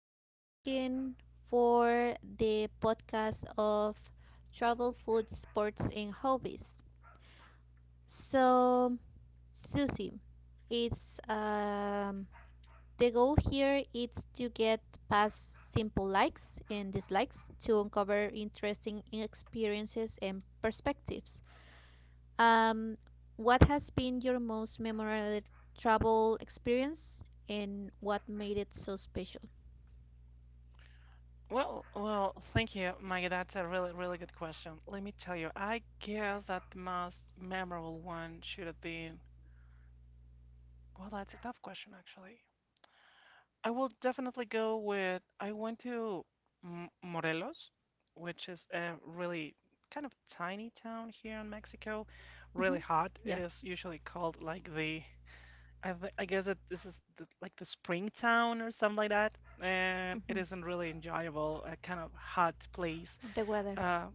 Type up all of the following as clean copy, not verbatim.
are going to begin for the podcast of travel, food, sports, and hobbies. So, Susie, it's the goal here is to get past simple likes and dislikes to uncover interesting experiences and perspectives. Um, what has been your most memorable travel experience, and what made it so special? Well, thank you, Maggie. That's a really good question. Let me tell you, I guess that the most memorable one should have been. Well, that's a tough question, actually. I will definitely go with. I went to M Morelos, which is a really kind of tiny town here in Mexico. Really Mm-hmm. hot. It Yeah. is usually called like the. I guess that this is like the spring town or something like that. And it Mm-hmm. isn't really enjoyable, a kind of hot place. The weather. Uh,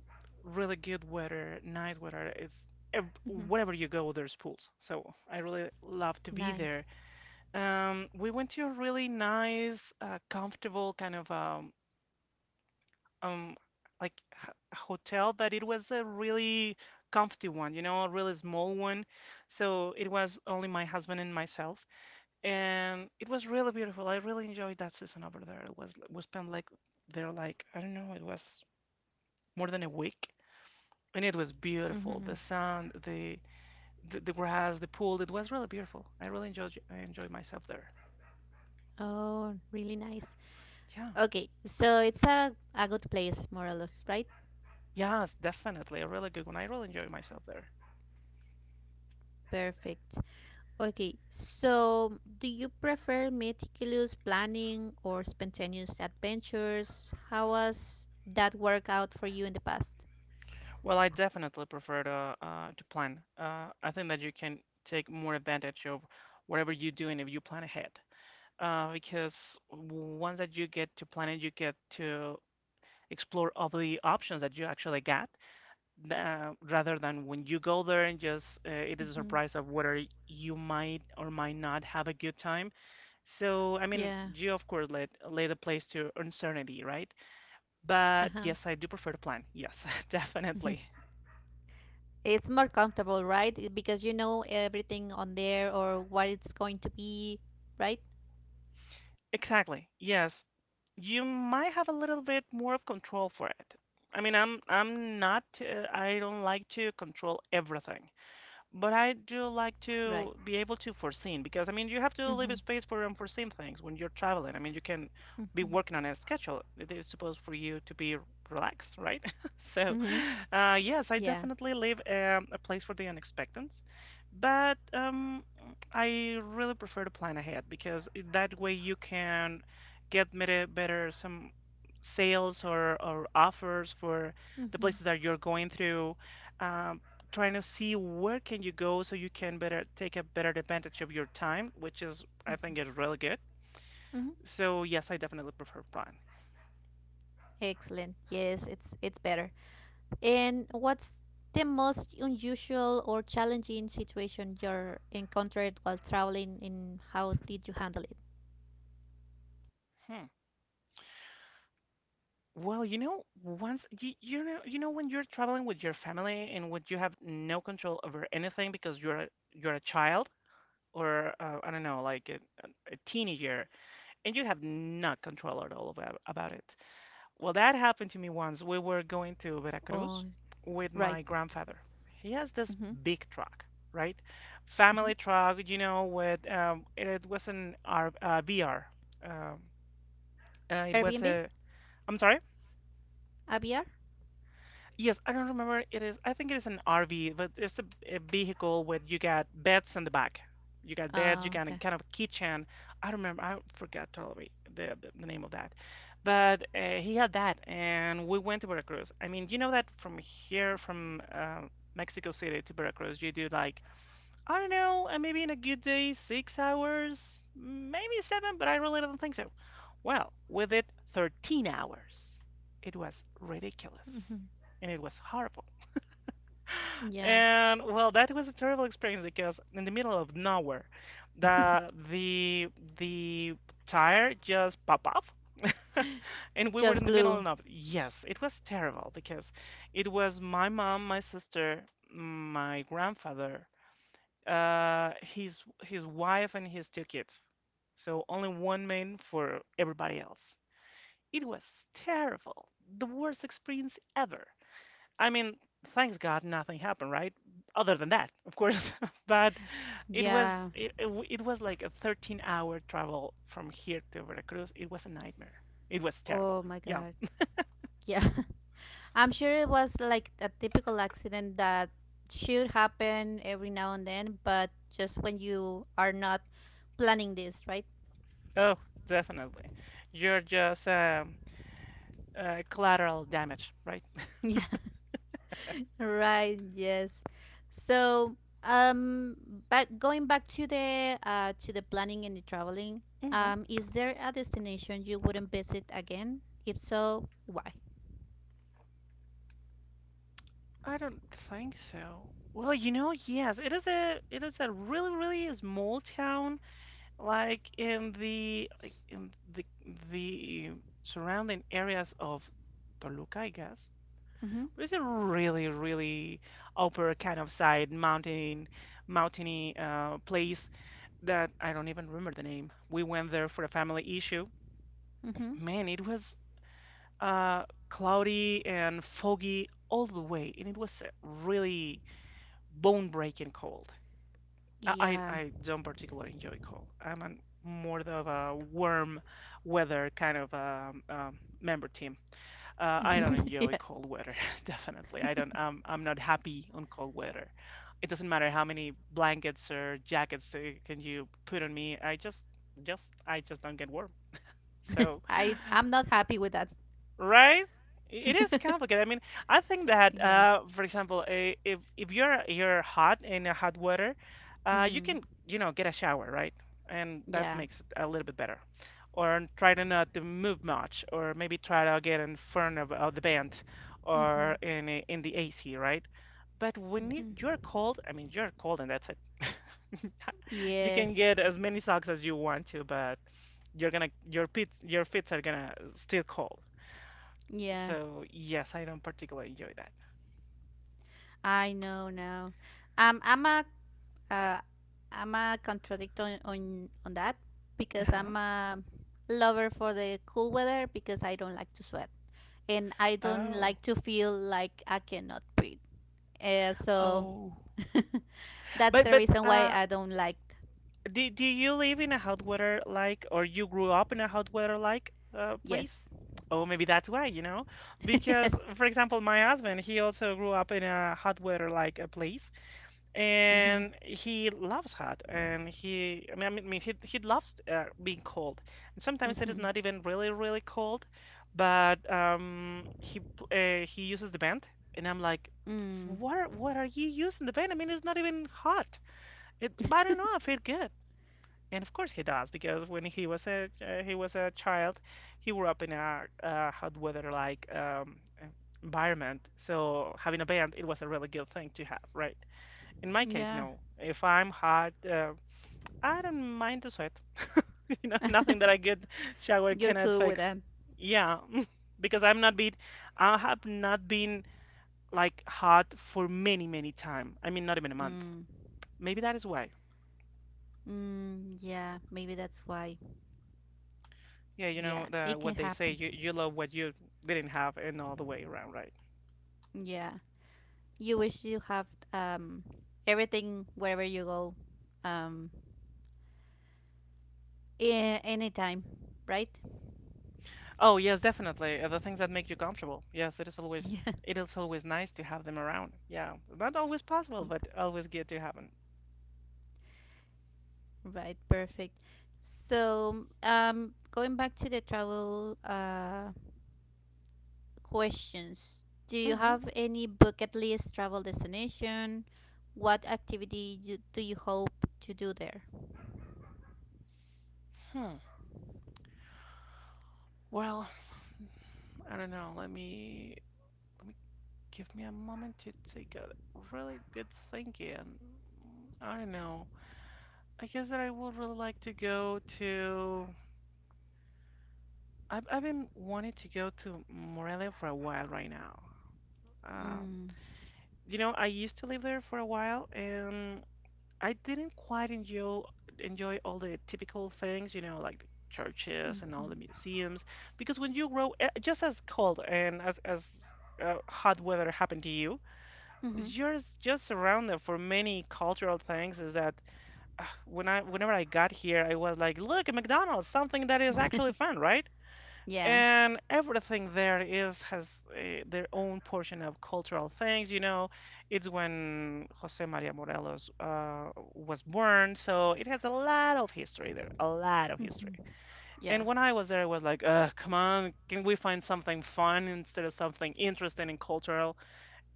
Really good weather, nice weather. It's Mm-hmm. wherever you go, there's pools. So I really love to be there. Nice. We went to a really nice, comfortable kind of um, like h hotel, but it was a really comfy one, you know, a really small one. So it was only my husband and myself, and it was really beautiful. I really enjoyed that season over there. It was, we spent like there like I don't know, it was more than a week. And it was beautiful. Mm-hmm. The sun, the grass, the pool. It was really beautiful. I enjoyed myself there. Oh, really nice. Yeah. Okay, so it's a good place, Morelos, right? Yes, definitely a really good one. I really enjoy myself there. Perfect. Okay, so do you prefer meticulous planning or spontaneous adventures? How was that work out for you in the past? Well, I definitely prefer to plan. I think that you can take more advantage of whatever you do and if you plan ahead. Because once that you get to plan it, you get to explore all the options that you actually got, rather than when you go there and just it is a Mm-hmm. surprise of whether you might or might not have a good time. So, I mean, Yeah. you of course let lay the place to uncertainty, right? Uh But huh. yes, I do prefer to plan. Yes, definitely. It's more comfortable, right? Because you know everything on there or what it's going to be, right? Exactly. Yes, you might have a little bit more of control for it. I mean, I'm not I don't like to control everything. But I do like Right. to be able to foreseen because I mean you have to Mm-hmm. leave space for unforeseen things when you're traveling. I mean you can be Mm-hmm. working on a schedule. It is supposed for you to be relaxed, right? So, Mm-hmm. Yes, I Yeah. definitely leave a place for the unexpected, but I really prefer to plan ahead because that way you can get better, better some sales or offers for the Mm-hmm. places that you're going through. Um, Trying to see where can you go so you can better take a better advantage of your time, which is I think Mm-hmm. is really good. Mm-hmm. So yes, I definitely prefer flying. Excellent. Yes, it's better. And what's the most unusual or challenging situation you encountered while traveling and how did you handle it? Hmm. Well, you know, once you, you know, you know when you're traveling with your family and when you have no control over anything because you're a child or I don't know, like a a teenager, and you have no control at all about it. Well, that happened to me once. We were going to Oh, Veracruz with right. my grandfather. He has this Mm-hmm. big truck, right? Mm-hmm. Family truck, you know, with it was an R VR. Um, it was Airbnb? a. I'm sorry. ABR? Yes, I don't remember. It is, I think it is an RV, but it's a vehicle where you got beds in the back. You got beds, you Ah, got a okay. kind of a kitchen. I remember, I forgot totally the name of that. But he had that, and we went to Veracruz. I mean, you know that from here, from Mexico City to Veracruz, you do like I don't know, and maybe in a good day, six hours, maybe seven, but I really don't think so. Well, with it, 13 hours. It was ridiculous. Mm-hmm. And it was horrible. Yeah. And well, that was a terrible experience because in the middle of nowhere, the the the tire just popped off. And we were in Just the middle of blue. nowhere. Yes, it was terrible because it was my mom, my sister, my grandfather, his his wife and his two kids. So only one man for everybody else. It was terrible, the worst experience ever. I mean, thanks God nothing happened, right? Other than that, of course. But Yeah. It was like a 13-hour travel from here to Veracruz. It was a nightmare. It was terrible. Oh my Yeah. god. Yeah. I'm sure it was like a typical accident that should happen every now and then, but just when you are not planning this, right? Oh, definitely. You're just collateral damage, right? Yeah. Right, yes. So, um, back going back to the planning and the traveling, Mm-hmm. Is there a destination you wouldn't visit again? If so, why? I don't think so. Well, you know, yes, it is a really small town, like in the surrounding areas of Toluca, I guess. Mm-hmm. But it's a really really upper kind of side mountain mountainy place that I don't even remember the name. We went there for a family issue. Mm-hmm. Man, it was uh cloudy and foggy all the way, and it was a really bone breaking cold. I, Yeah. I don't particularly enjoy cold. More of a warm weather kind of member team. I don't enjoy Yeah. cold weather, definitely. I don't. I'm not happy on cold weather. It doesn't matter how many blankets or jackets can you put on me. I just don't get warm. So I I'm not happy with that. Right? It is complicated. I mean, I think that, Yeah. For example, if you're hot in a hot weather, you Mm-hmm. can, you know, get a shower, right? And that Yeah. makes it a little bit better. Or try to not to move much, or maybe try to get in front of the band or Mhm. In the AC, right? But Mhm. you're cold, I mean, you're cold and that's it. You can Yes. get as many socks as you want to, but you're gonna your feet are gonna still cold. Yeah. So yes, I don't particularly enjoy that. I know now. Um, I'm a uh, I'm a contradict on on that because Uh-huh. I'm a lover for the cool weather because I don't like to sweat and I don't Oh, like to feel like I cannot breathe. So oh. that's the But reason why I don't like. do you live in a hot weather like, or you grew up in a hot weather like place? Yes. Oh, maybe that's why, you know? Because Yes. for example, my husband, he also grew up in a hot weather like a place. Mhm. And he loves hot and he I mean I mean I mean, he loves being cold and sometimes it is Mhm. not even really really cold but he uses the vent and I'm like Mm. What are you using the vent, I mean it's not even hot it, but I don't know I feel good. And of course he does because when he was a child, he grew up in a hot weather like environment, so having a band it was a really good thing to have, right? In my case, Yeah. no. If I'm hot, I don't mind to sweat. You know, nothing that I get shower You're cannot cool with that. fix. Yeah, because I have not been like hot for many, many time. I mean, not even a month. Mm. Maybe that is why. Mm, yeah, maybe that's why. Yeah, you Yeah, know the it can what they say, happen. You love what you didn't have and all the way around, right? Yeah, you wish you have um everything wherever you go, um, anytime, right? Oh, yes, definitely. The things that make you comfortable. Yes, Yeah, it is always nice to have them around. Yeah, not always possible, yeah, but always good to have them. right. Perfect. So, going back to the travel questions, do you Hmm. have any bucket list travel destination? What activity do you hope to do there? Hmm. Well, I don't know. Let me Give me a moment to take a really good think in. I don't know. I guess that I would really like to go to. I've been wanting to go to Morelia for a while right now. Um, Mm, you know, I used to live there for a while, and I didn't quite enjoy enjoy all the typical things. You know, like the churches and all the mm-hmm, museums. Because when you grow, eh, just as cold and as hot weather happened to you, it's just surrounded for many cultural things, is that whenever I got here I was like, look at McDonald's, something that is actually mm-hmm. fun, right? Yeah. And everything there is has their own portion of cultural things, you know. It's when Jose Maria Morelos was born, so it has a lot of history there, a lot of history. Mhm. Yeah. And when I was there I was like, come on, can we find something fun instead of something interesting and cultural?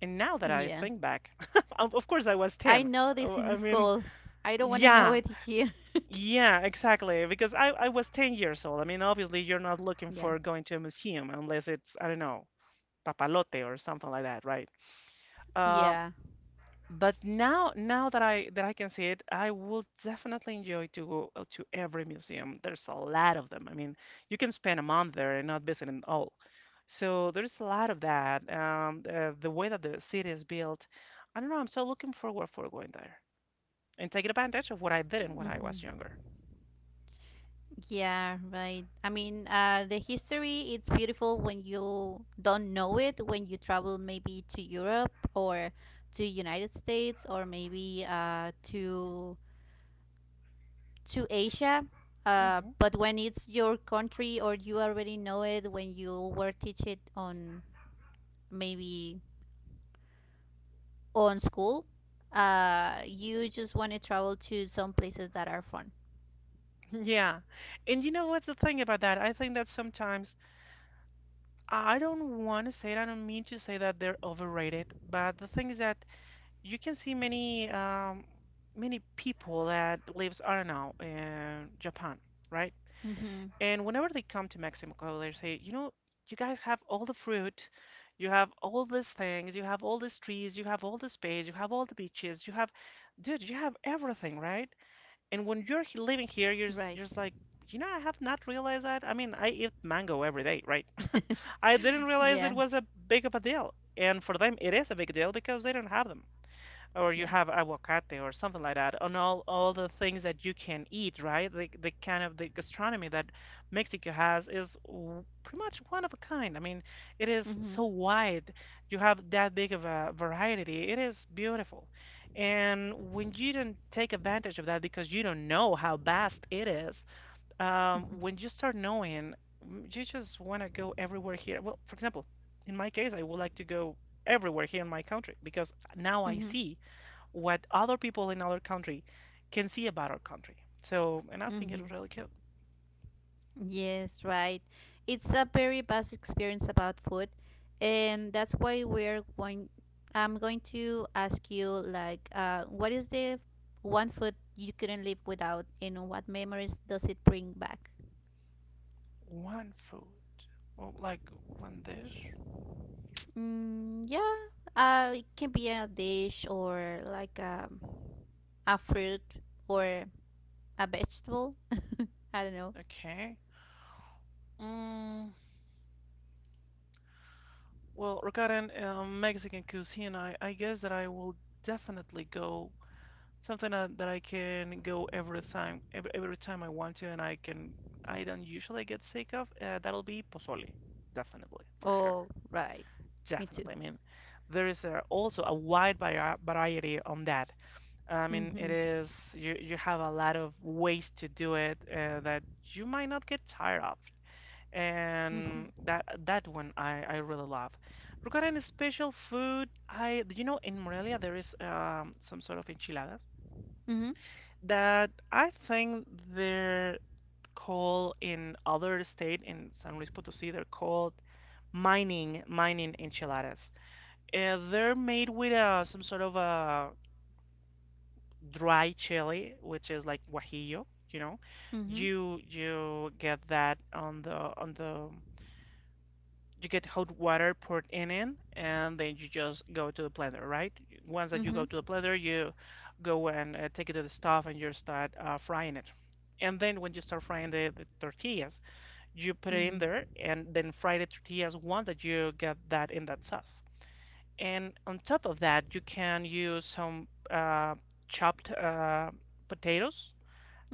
And now that I Yeah. think back, of course I was I 10. know this in I mean, school. I don't want to know yeah, it here. yeah, exactly. Because I was 10 years old. I mean, obviously, you're not looking Yeah. for going to a museum unless it's, I don't know, Papalote or something like that, right? Uh, Yeah. but now, that I can see it, I would definitely enjoy to go to every museum. There's a lot of them. I mean, you can spend a month there and not visit them all. So there's a lot of that. The way that the city is built, I don't know. I'm so looking forward for going there and taking advantage of what I didn't when I Hmm. was younger. Yeah, right. I mean, the history it's beautiful when you don't know it. When you travel maybe to Europe or to United States or maybe to to Asia. Hmm But when it's your country or you already know it, when you were teach it on maybe on school, you just want to travel to some places that are fun. Yeah. And you know what's the thing about that? I think that sometimes I don't want to say it. I don't mean to say that they're overrated, but the thing is that you can see many people that lives, I don't know, in Japan, right? Mm-hmm. And whenever they come to Mexico, they say, you know, you guys have all the fruit, you have all these things, you have all these trees, you have all the space, you have all the beaches, you have, dude, you have everything, right? And when you're living here, you're Right. you're just like, you know, I have not realized that. I mean, I eat mango every day, right? I didn't realize it Yeah. was a big of a deal. And for them, it is a big deal because they don't have them, or you Yeah. have aguacate or something like that, and all the things that you can eat, right? The kind of the gastronomy that Mexico has is pretty much one of a kind. I mean, it is Mm-hmm. so wide. You have that big of a variety. It is beautiful. And when you don't take advantage of that because you don't know how vast it is, Mm-hmm. when you start knowing, you just want to go everywhere here. Well, for example, in my case, I would like to go everywhere here in my country because now I Mm-hmm. see what other people in other country can see about our country. So, and I think Mm-hmm. it's really cool. Yes. Right. It's a very vast experience about food, and that's why we're going. I'm going to ask you like, what is the one food you couldn't live without, and what memories does it bring back? One food, well, like one dish. Mm, yeah. It can be a dish or like a fruit or a vegetable. I don't know. Okay. Mm, well, regarding Mexican cuisine, I guess that I will definitely go something that I can go every time, every time I want to, and I can, I don't usually get sick of. That'll be pozole, definitely, for sure. Oh, right. Me too. Definitely. I mean, there is also a wide variety on that. I mean, it Mhm. is, you have a lot of ways to do it that you might not get tired of. And Mhm. that one I really love. Regarding special food, I, you know, in Morelia there is some sort of enchiladas Mhm. that I think they're called in other state, in San Luis Potosí they're called mining enchiladas. They're made with some sort of dry chili, which is like guajillo, you know. Mhm. You get that on the you get hot water poured in it, and then you just go to the blender, right? Once that you go Mhm. to the blender, you go and take it to the stove and you start frying it. And then when you start frying the tortillas, you put it in Mhm. there and then fry the tortillas once that you get that in that sauce. And on top of that, you can use some chopped potatoes,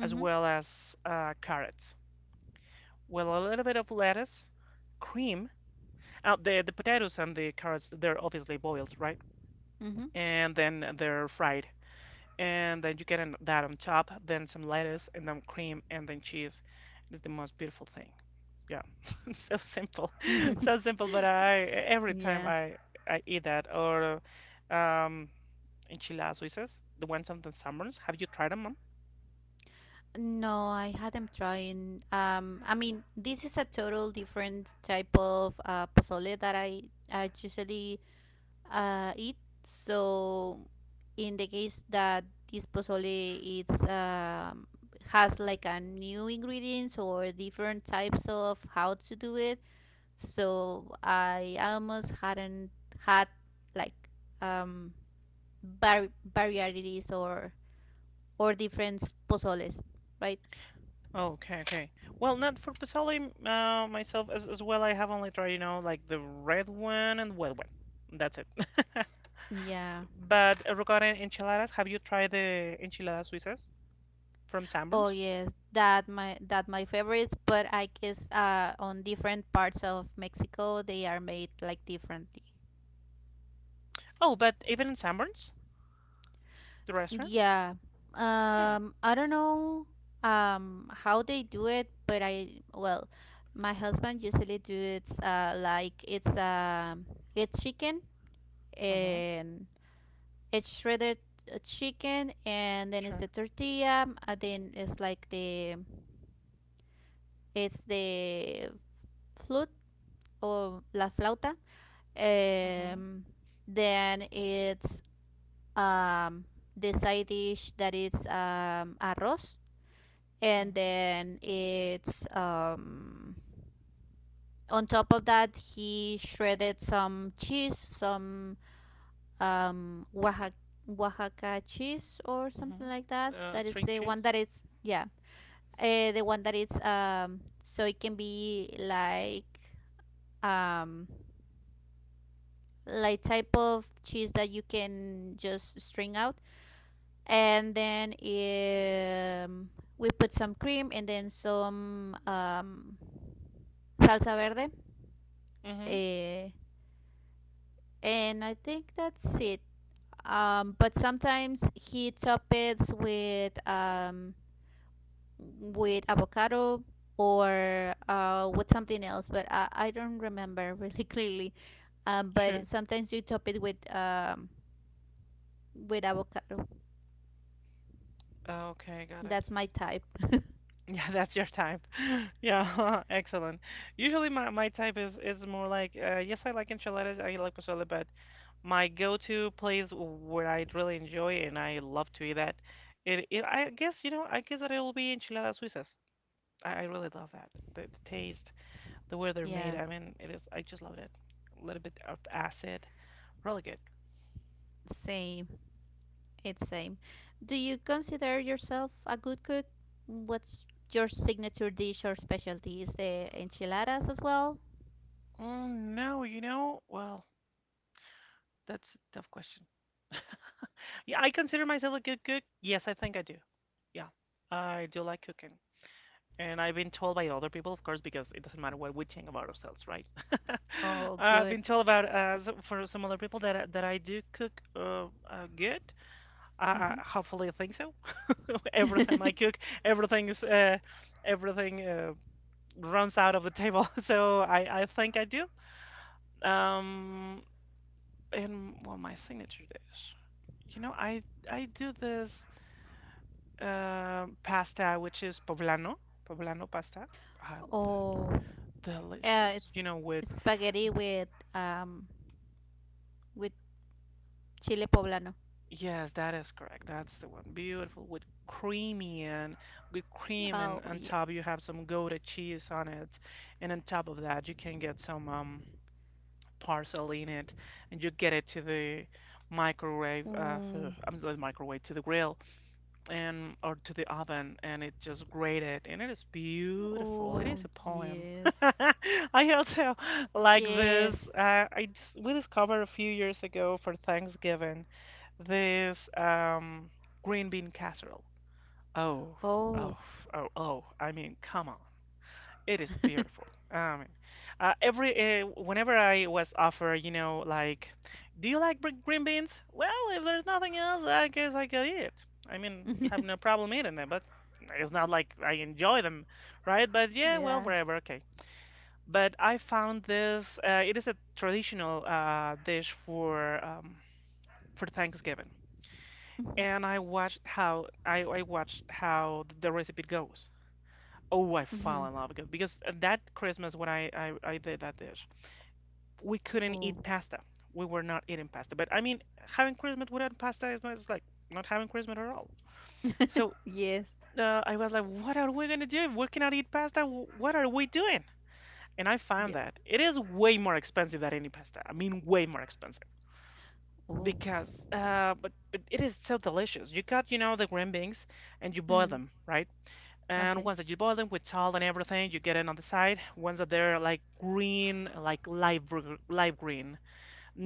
as well as carrots, with a little bit of lettuce, cream. The potatoes and the carrots, they're obviously boiled, right? Mhm. And then they're fried. And then you get that on top, then some lettuce, and then cream, and then cheese. It's the most beautiful thing. Yeah, so simple, Mhm. so simple. But I, every time Yeah. I eat that, or um enchiladas suizas, the ones on the summers. Have you tried them, mom? No, I hadn't trying. I mean, this is a total different type of pozole that I usually it. So in the case that this pozole it's has like a new ingredients or different types of how to do it, so I almost hadn't had like um, varieties or different pozoles, right? Oh, okay, okay. Well, not for Pasoli myself as well. I have only tried, you know, like the red one and white one. That's it. Yeah. But regarding enchiladas, have you tried the enchiladas suizas from Oh Sanborns? yes, that my favorites, but I guess on different parts of Mexico they are made like differently. Oh, but even in Sanborns, the restaurant? Yeah. Hmm. I don't know how they do it, but I well, my husband usually do it like it's it's chicken Mm-hmm. and it's shredded chicken and then it's Sure. the tortilla and then it's like the it's the flute or la flauta. Mm-hmm. Um, then it's um the side dish that is arroz and Mm-hmm. then it's on top of that he shredded some cheese some oaxaca, oaxaca cheese or something like Mm-hmm. that that is String the one cheese? that is yeah the one that is so it can be um like type of cheese that you can just string out and then we put some cream and then some salsa verde Mm-hmm. eh, and I think that's it but sometimes he toppets with avocado or with something else but I don't remember really clearly but Sure. sometimes you top it with avocado Oh, okay, got it. that's my type. Yeah, that's your type. Yeah, excellent. Usually my, my type is more like, yes, I like enchiladas, I like pozole, but my go-to place where I really enjoy and I love to eat that, it, I guess, you know, I guess that it'll be enchiladas suizas. I really love that. The taste, the way they're made. Yeah, I mean, it is, I just love it. A little bit of acid, really good. same. It's same. Do you consider yourself a good cook? What's your signature dish or specialty? Is the enchiladas as well? Mm, no, you know, well, that's a tough question. Yeah, I consider myself a good cook. Yes, I think I do. Yeah, I do like cooking. And I've been told by other people, of course, because it doesn't matter what we think about ourselves, right? Oh, I've good. been told about for some other people that that I do cook good. I, Hmm. I hopefully I think so. Every time I cook, everything is everything runs out of the table. So I think I do. Um, and well, my signature dish. You know, I do this pasta, which is poblano, poblano pasta. I love that. Oh, Delicious. it's You know, with, spaghetti um with chile poblano. yes, that is correct. That's the one. Beautiful. With cream, Oh and on yeah. top you have some Gouda cheese on it. And on top of that, you can get some parsley in it, and you get it to the Mm. I'm sorry, to the grill, and or to the oven, and it just grated and it is beautiful. It Oh is a poem. yes. I also like this. Yes. I just, we discovered a few years ago for Thanksgiving this green bean casserole. Oh, Oh. oh, oh, oh. I mean, come on. It is beautiful. I mean, every whenever I was offered, you know, like, do you like green beans? Well, if there's nothing else, I guess I could eat it. I mean, I have no problem eating them, but it's not like I enjoy them, right? But yeah, well, Yeah. whatever, okay. But I found this. It is a traditional dish for Thanksgiving, and I watched how I watched how the recipe goes. Oh, I Mm-hmm. fell in love with, because that Christmas when I did that dish, we couldn't eat Oh pasta. We were not eating pasta. But I mean, having Christmas without pasta is is like not having Christmas at all. So yes. I was like, what are we gonna do? If we cannot eat pasta. What are we doing? And I found Yes. that it is way more expensive than any pasta. I mean, way more expensive, Oh. because but it is so delicious. You got, you know, the green beans and you boil Mm. them, right? And Okay. once that you boil them with salt and everything, you get it on the side. Once that they're like green, like live green,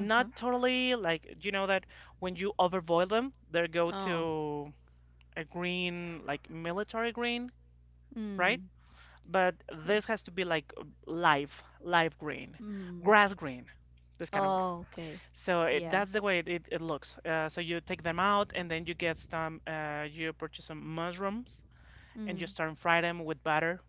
Uh huh. totally like, you know, that when you overboil them, they go Oh. to a green, like military green, right? Mm. But Yeah. this has to be like live green, Mm. grass green, this kind of green. Oh. Okay. So it, Yeah. that's the way it, it looks. So you take them out, and then you get some, you purchase some mushrooms, and you Mm. start and fry them with butter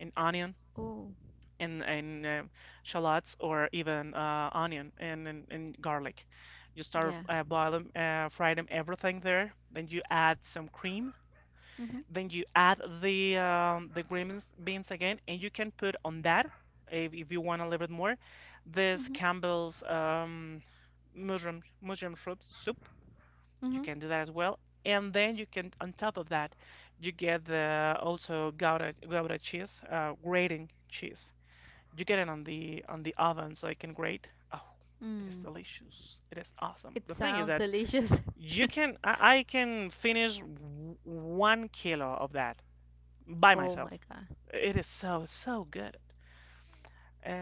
and onion, Oh. and shallots, or even onion and, and garlic. You start Yeah. Fry them, everything there. Then you add some cream. Mhm. Then you add the beans again, and you can put on that if you want a little bit more, this Mhm. Campbell's mushroom soup. You Mhm. can do that as well. And then you can, on top of that, you get the also gouda cheese, grating cheese. You get it on the oven so it can grate. Oh, it is Mm. delicious. It is awesome. It The thing is sounds that delicious. you can, I can finish 1 kilo of that by Oh myself. my god. It is so so good.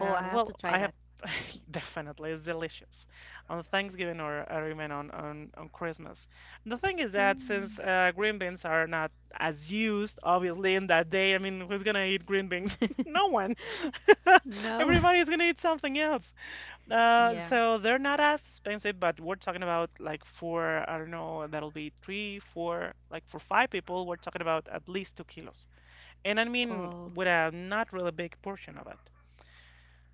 Oh, I have to well, try I have that. definitely it's delicious on Thanksgiving, or even on Christmas. The thing is that since Mm. Green beans are not as used, obviously, in that day. I mean, who's gonna eat green beans? No one. No. Everybody's gonna eat something else. Yeah. So they're not as expensive, but we're talking about like for, I don't know, that'll be three, four, like for five people, we're talking about at least 2 kilos. And I mean, Oh. with a not really big portion of it.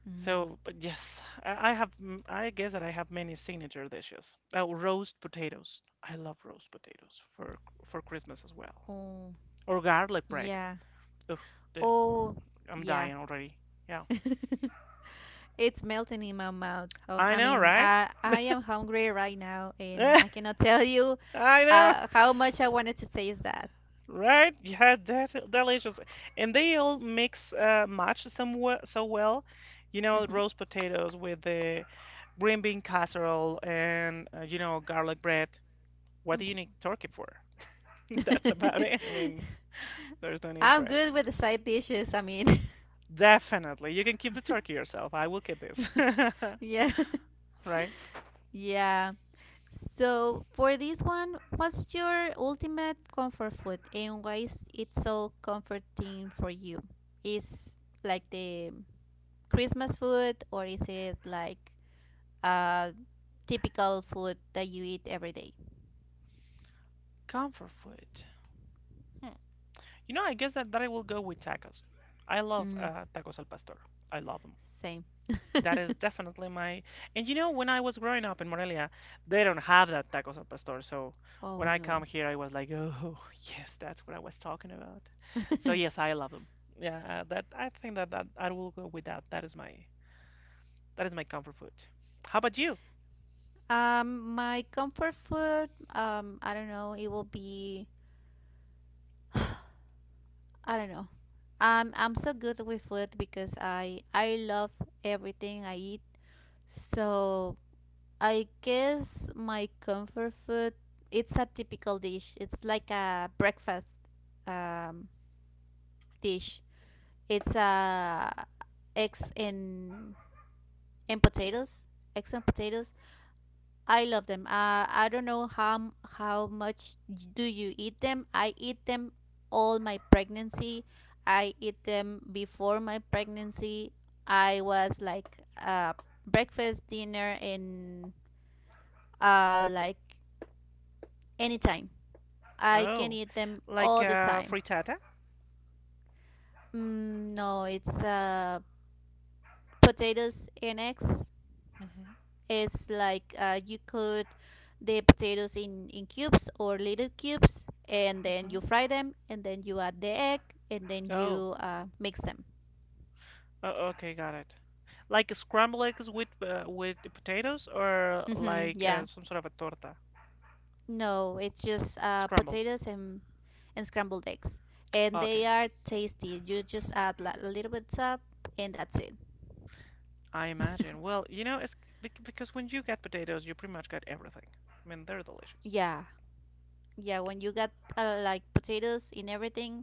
Mm. So, but yes, I have, I guess that I have many signature dishes. Oh, roast potatoes. I love roast potatoes for Christmas as well. Oh. Or garlic bread. Yeah. Ugh, dude, Oh. I'm Yeah. dying already. Yeah, It's melting in my mouth. I I know, mean, right? I am hungry right now, and I cannot tell you I know, how much I wanted to taste that. right? Yeah, that's delicious. And they all mix match somewhat so well. You know, Hmm. roast potatoes with the green bean casserole and garlic bread. What do you need turkey for? That's about it. I mean. There's no need for I'm it. good with the side dishes. I mean, Definitely. You can keep the turkey yourself. I will keep this. yeah, Right? yeah. So for this one, what's your ultimate comfort food, and why is it so comforting for you? Is like the Christmas food, or is it like uh typical food that you eat every day? Comfort food. Hmm. You know, I guess that I will go with tacos. I love Mm, tacos al pastor. I love them. same. That is definitely my. And you know, when I was growing up in Morelia, they don't have that tacos al pastor. So when Oh I come no. here, I was like, oh, yes, that's what I was talking about. So yes, I love them. Yeah, that I think that I will go with that. That is my comfort food. How about you? Um, my comfort food. I don't know. It will be. I don't know. I'm so good with food because I love everything I eat. So I guess my comfort food. It's a typical dish. It's like a breakfast um dish. It's eggs and potatoes. Eggs and potatoes I love them. I don't know how how much do you eat them. I eat them all my pregnancy. I eat them before my pregnancy. I was like breakfast, dinner, and like anytime. I can Oh, eat them like all the time. frittata? Mm, no, it's potatoes and eggs. Hmm It's like you cut the potatoes in cubes or little cubes, and then hmm you fry them, and then you add the egg, and then Oh, you mix them. oh, okay, got it. Like scrambled eggs with the potatoes, or Hmm, like yeah. some sort of a torta, No, it's just scrambled. potatoes and scrambled eggs. And they Okay, are tasty. You just add a little bit salt, and that's it. I imagine. Well, you know, it's because when you get potatoes, you pretty much get everything. I mean, they're delicious, Yeah. Yeah, when you got like potatoes in everything,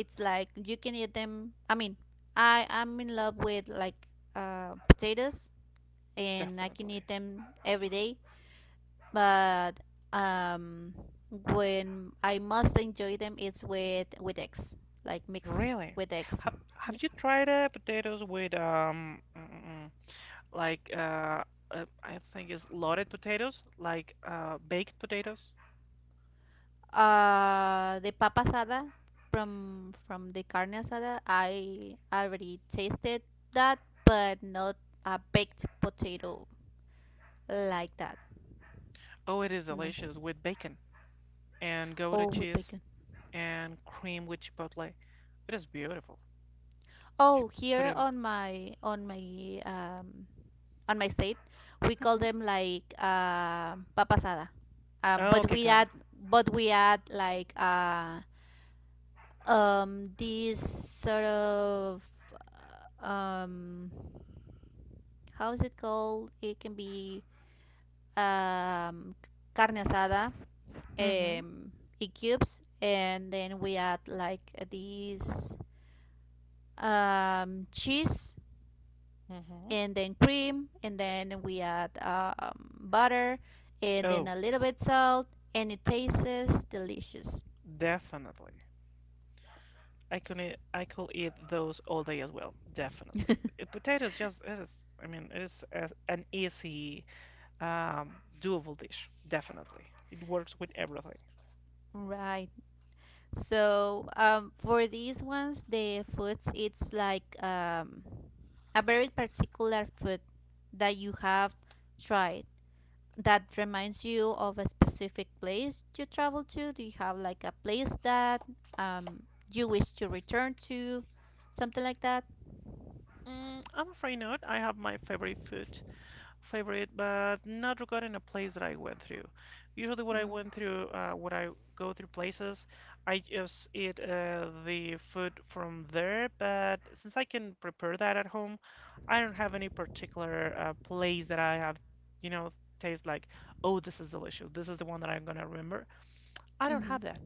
it's like you can eat them. I mean, I am in love with like potatoes and I can eat definitely. them every day. But um, when I must enjoy them, it's with eggs, like mixed Really? with eggs. Have Yeah. you tried potatoes with like I think it's loaded potatoes, like baked potatoes? The papa asada from the carne asada, I already tasted that, but not a baked potato like that. Oh, it is No, delicious with bacon and Gouda all with cheese bacon. and cream with chipotle. It is beautiful. You Oh, put here in. on my on my um on my state, we call Hmm them like papasada. Oh, okay, got it. But we add like this sort of uh, um how is it called? It can be um carne asada Hmm in cubes and then we add like these cheese hmm and then cream, and then we add butter, and then Oh, a little bit salt, and it tastes delicious. definitely. I could eat those all day as well. Definitely. Potatoes just it is. I mean, it is a, an easy, um, doable dish. Definitely, it works with everything. Right. So for these ones, the foods, it's like a very particular food that you have tried that reminds you of a specific place you travel to. Do you have like a place that um, you wish to return to? Something like that? Mm, I'm afraid not. I have my favorite food, favorite, but not regarding a place that I went through. Usually, what I Mm. went through, when I go through places, I just eat the food from there. But since I can prepare that at home, I don't have any particular place that I have, you know, taste like, oh, this is delicious. This is the one that I'm gonna remember. I don't Mm-hmm. have that.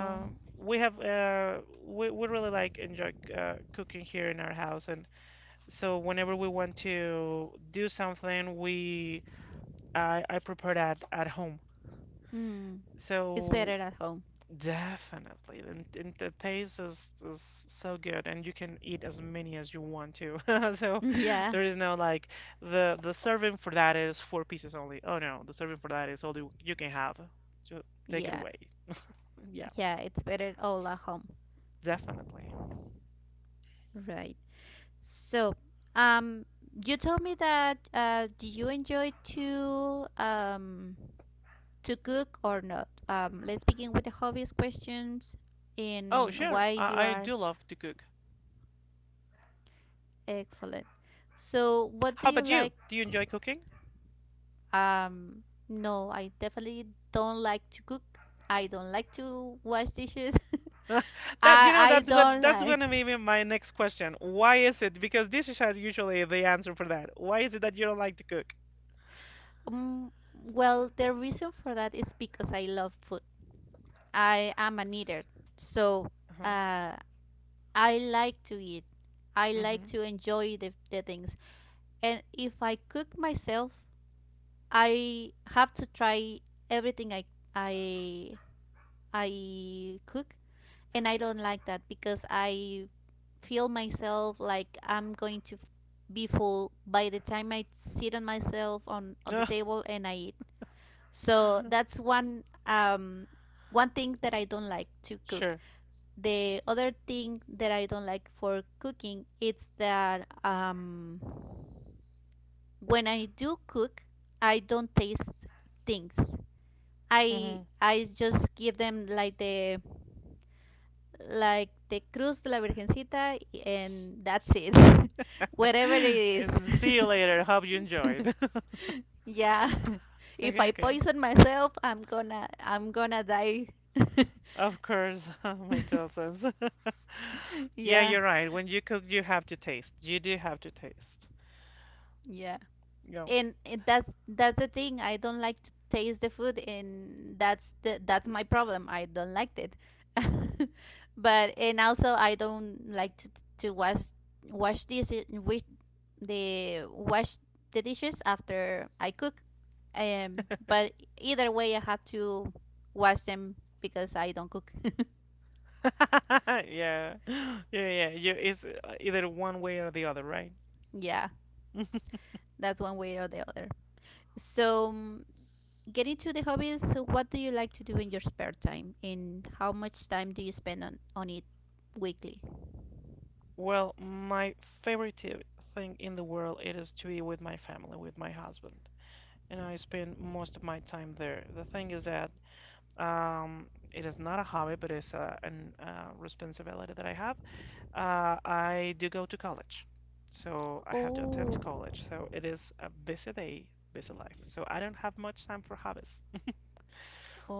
Oh. We have we really like enjoy cooking here in our house, and so whenever we want to do something, we I prepared at home. Mm, it's better So at home. definitely, and, the taste is so good, and you can eat as many as you want to. So Yeah, there is no like the serving for that is four pieces only. Oh no, the serving for that is all you can have. So take it yeah, away. Yeah, yeah. It's better all at home. definitely. Right. So, um, you told me that do you enjoy to cook or not? Let's begin with the hobbies questions Oh in sure, why you I are do love to cook. excellent. So, what do How you about you? like? Do you enjoy cooking? No, I definitely don't like to cook. I don't like to wash dishes. That you know I don't that's like. gonna be my next question. Why is it? Because dishes are usually the answer for that. Why is it that you don't like to cook? Um, well, the reason for that is because I love food. I am an eater, so uh, I like to eat. I Mm-hmm. like Mm-hmm. to enjoy the things. And if I cook myself, I have to try everything I I cook, and I don't like that because I feel myself like I'm going to be full by the time I sit on myself on the table and I eat. So that's one one thing that I don't like to cook. Sure. The other thing that I don't like for cooking is that when I do cook, I don't taste things. Mm-hmm. I just give them like the cruz de la virgencita and that's it. Whatever it is. And see you later. Hope you enjoyed. Yeah. If Okay, I okay. poison myself, I'm gonna die. Of course, make total sense. Yeah, Yeah, you're right. When you cook, you have to taste. You do have to taste. yeah. Yeah. And, it that's the thing. I don't like to taste the food, and that's my problem. I don't like it. but and also I don't like to wash wash dishes wish the wash the dishes after I cook. But either way, I have to wash them because I don't cook. Yeah. Yeah, yeah. You, it's either one way or the other, right? Yeah, that's one way or the other. So get into the hobbies. What do you like to do in your spare time? And how much time do you spend on it weekly? Well, my favorite thing in the world it is to be with my family, with my husband, and I spend most of my time there. The thing is that um, it is not a hobby, but it's a an, responsibility that I have. I do go to college, so I have to Oh, attend college. So it is a busy day, busy life. So I don't have much time for hobbies.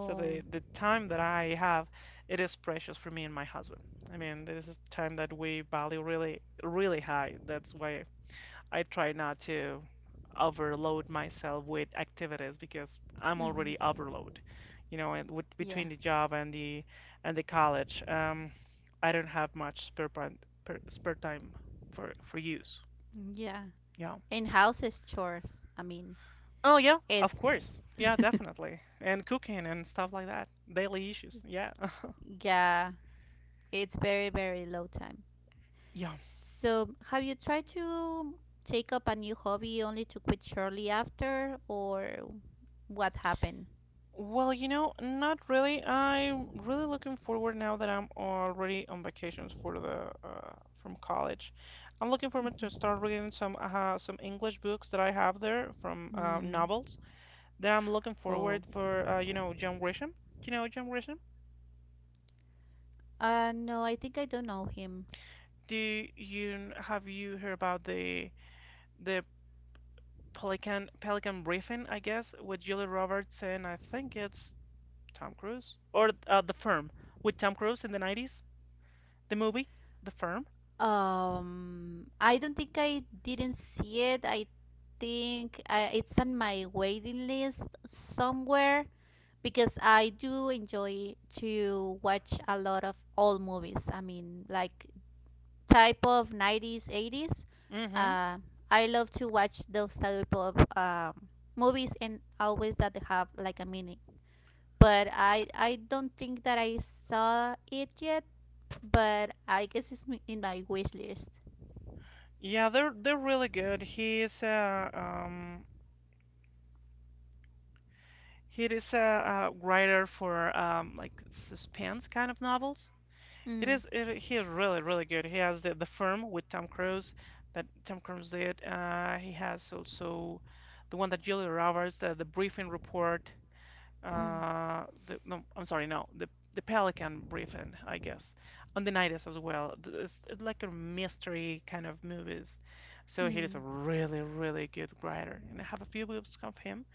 So the time that I have, it is precious for me and my husband. I mean, this is time that we value really, really high. That's why I try not to overload myself with activities because I'm already mm-hmm. overload, you know, and Yeah, between the job and the college, I don't have much spare time, per, spare time for use. yeah. Yeah. And houses chores. I mean, Oh yeah, of it's, course. Yeah, definitely. And cooking and stuff like that. Daily issues. Yeah. yeah, it's very very low time. Yeah. So, have you tried to take up a new hobby only to quit shortly after, or what happened? Well, you know, not really. I'm really looking forward now that I'm already on vacations for the from college. I'm looking forward to start Mm-hmm. reading some English books that I have there from Hmm. novels. Then I'm looking Oh, forward for John Grisham. Do you know John Grisham? No, I think I don't know him. Do you have you heard about the the Pelican Briefing, I guess, with Julia Roberts and I think it's Tom Cruise or The Firm with Tom Cruise in the 90s, the movie, The Firm. I don't think I didn't see it. I think it's on my waiting list somewhere because I do enjoy to watch a lot of old movies. I mean, like type of 90s, 80s. Mm-hmm. Uh, I love to watch those type of movies and always that they have like a meaning. But I don't think that I saw it yet, but I guess it's in my wish list. Yeah, they're really good. He's a he is a writer for like suspense kind of novels. It Mm, is he is really really good. He has the firm with Tom Cruise that Tom Cruise did. He has also the one that Julia Roberts, the briefing report. mm, The no, I'm sorry, no, the Pelican Briefing, I guess, on the 90s as well. It's like a mystery kind of movies, so he is a mm. really, really good writer, and I have a few books of him.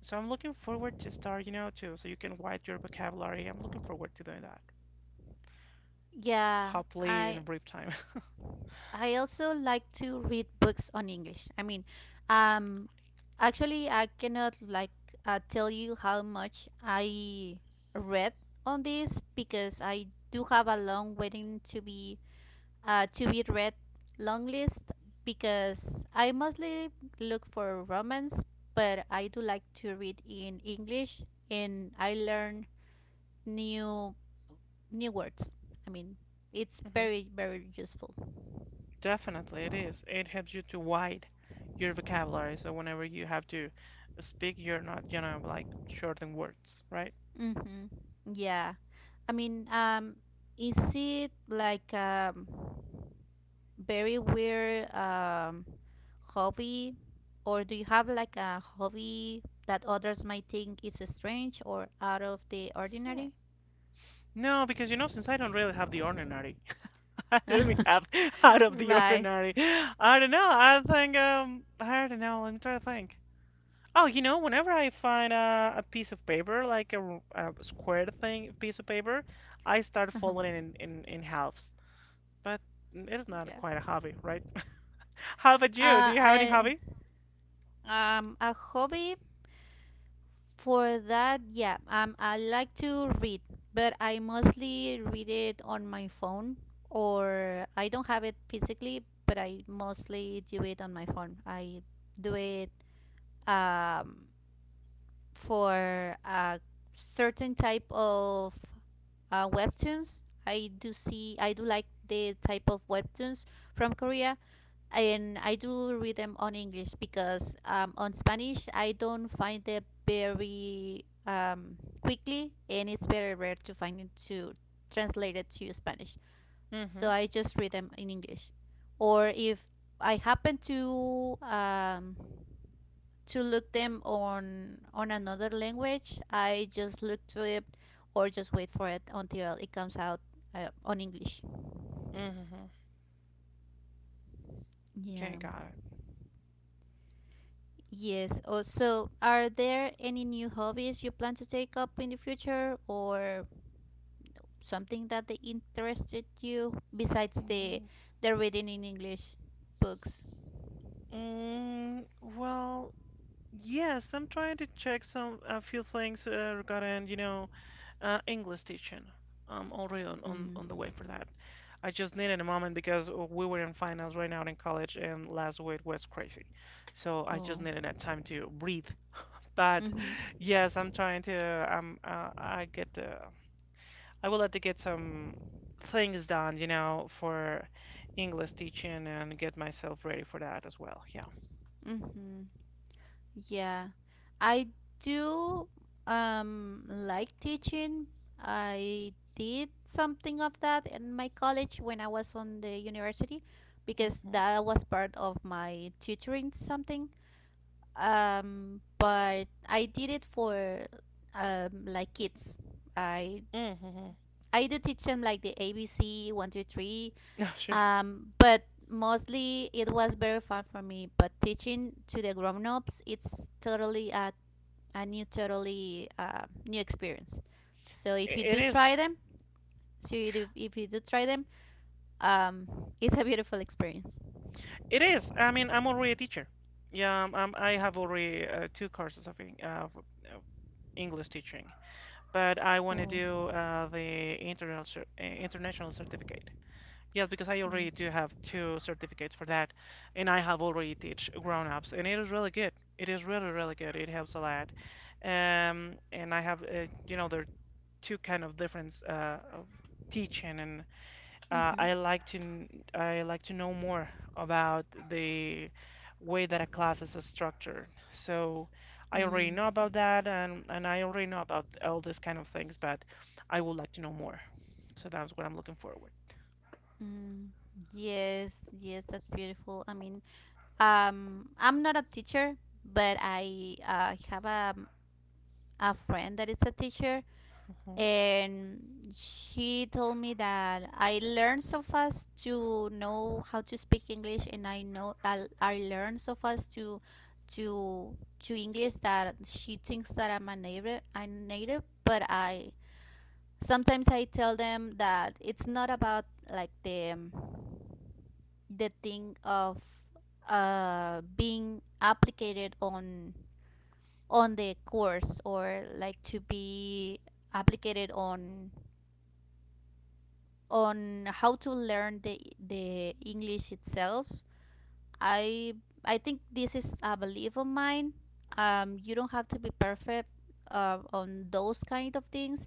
So I'm looking forward to start, you know, too, so you can widen your vocabulary. I'm looking forward to doing that, Yeah, hopefully in a I brief time. I also like to read books on English. I mean, um, actually, I cannot like tell you how much I read on this because I do have a long waiting to be read long list because I mostly look for romance, but I do like to read in English and I learn new new words. I mean, it's hmm very very useful. Definitely, it is. It helps you to widen your vocabulary, so whenever you have to speak, you're not, you know, like short in words, right? Mm-hmm. Yeah, I mean, is it like a very weird hobby, or do you have like a hobby that others might think is strange or out of the Hmm. ordinary? No, because you know, since I don't really have the ordinary, I really have out of the Right. ordinary. I don't know. I think I don't know. Let me try to think. Oh, you know, whenever I find a piece of paper, like a, a square thing, piece of paper, I start Uh-huh. folding it in halves. But it is not Yeah. quite a hobby, right? How about you? Do you have any I hobby? A hobby For that, yeah, I like to read, but I mostly read it on my phone, or I don't have it physically, but I mostly do it on my phone. I do it um, for a certain type of webtoons. I do like the type of webtoons from Korea, and I do read them on English because on Spanish I don't find them very quickly, and it's very rare to find it to translate it to Spanish. So Mm-hmm. I just read them in English, or if I happen to look them on another language, I just look to it or just wait for it until it comes out on English. Mm-hmm. Okay, Yeah. got it. Yes. Oh, so are there any new hobbies you plan to take up in the future or something that they interested you besides the Mm, the reading in English books? Well. Yes, I'm trying to check some a few things regarding, you know, English teaching. I'm already Mm. on the way for that. I just needed a moment because we were in finals right now in college, and last week was crazy. So I just Oh. needed that time to breathe. But Mhm. yes, I'm trying to. I get the. I would like to get some things done, you know, for English teaching and get myself ready for that as well. Yeah. Mhm. Yeah. I do like teaching. I did something of that in my college when I was on the university because Mm-hmm. that was part of my tutoring something, but I did it for like kids. i Mm-hmm. i do teach them like the ABC 1, 2, 3, sure. But mostly it was very fun for me. But teaching to the grown-ups, it's totally a new experience. So if you It do try is. them, so you do, if you do try them um it's a beautiful experience. It is. I mean, I'm already a teacher. Yeah, I have already two courses of of English teaching, but I want to Oh, do international certificate. Yes, because I already do mm. have two certificates for that, and I have already teach grown-ups, and it is really good. It is really, really good. It helps a lot. And I have, you know, there are two kind of difference of teaching and Mm-hmm, I like to I like to know more about the way that a class is structured. So I already know mm-hmm, about that, and I already know about all these kind of things, but I would like to know more. So that's what I'm looking forward. mm. Yes, yes, that's beautiful. I mean, I'm not a teacher, but I have a friend that is a teacher, Mhm. and she told me that I learned so fast to know how to speak English, and I know I learned so fast to to English that she thinks that I'm a native. I'm native, but I sometimes I tell them that it's not about like the thing of being applicated on the course or like to be applicated on how to learn the English itself. I I think this is a belief of mine. You don't have to be perfect on those kind of things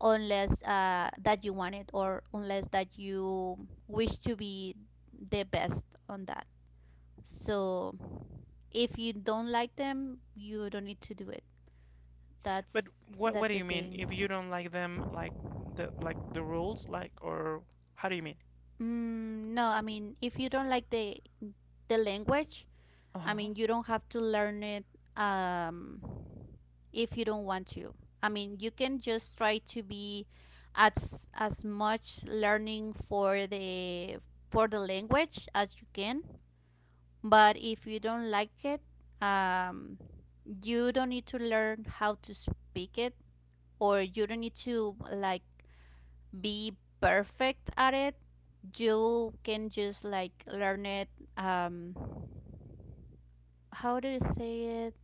unless that you want it or unless that you wish to be the best on that. So if you don't like them, you don't need to do it. But That's what that's do the you mean? thing. If you don't like them, like the rules, like or how do you mean? Mm, no, I mean if you don't like the language, I Uh-huh. mean you don't have to learn it, um, if you don't want to. I mean you can just try to be as much learning for the language as you can. But if you don't like it, um, you don't need to learn how to speak it or you don't need to like be perfect at it. You can just like learn it. um how do you say it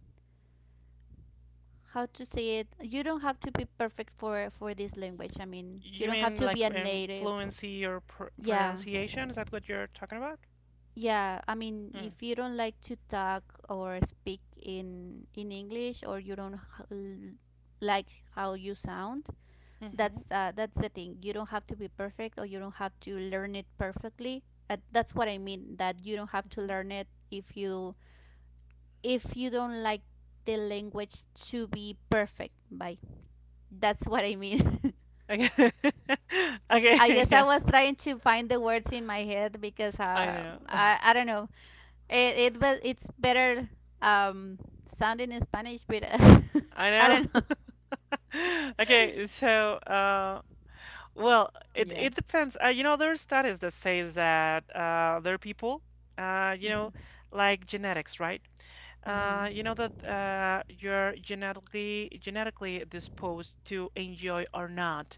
How to say it, you don't have to be perfect for this language. I mean, you You don't have mean to be like a in native. fluency or pr Yeah, pronunciation? Is that what you're talking about? yeah, I mean Mm. if you don't like to talk or speak in English, or you don't like how you sound. hmm That's the thing. You don't have to be perfect or you don't have to learn it perfectly. That's what I mean, that you don't have to learn it if you don't like the language to be perfect by. That's what I mean. Okay. I Okay, guess I yeah, was trying to find the words in my head because I uh, know. i i don't know. It's better um sounding in Spanish, but I I know. don't know. Okay, so well, it Yeah, it depends. You know, there are studies that say that there are people you know, mm-hmm. like genetics, right? Mm-hmm. You know that you're genetically disposed to enjoy or not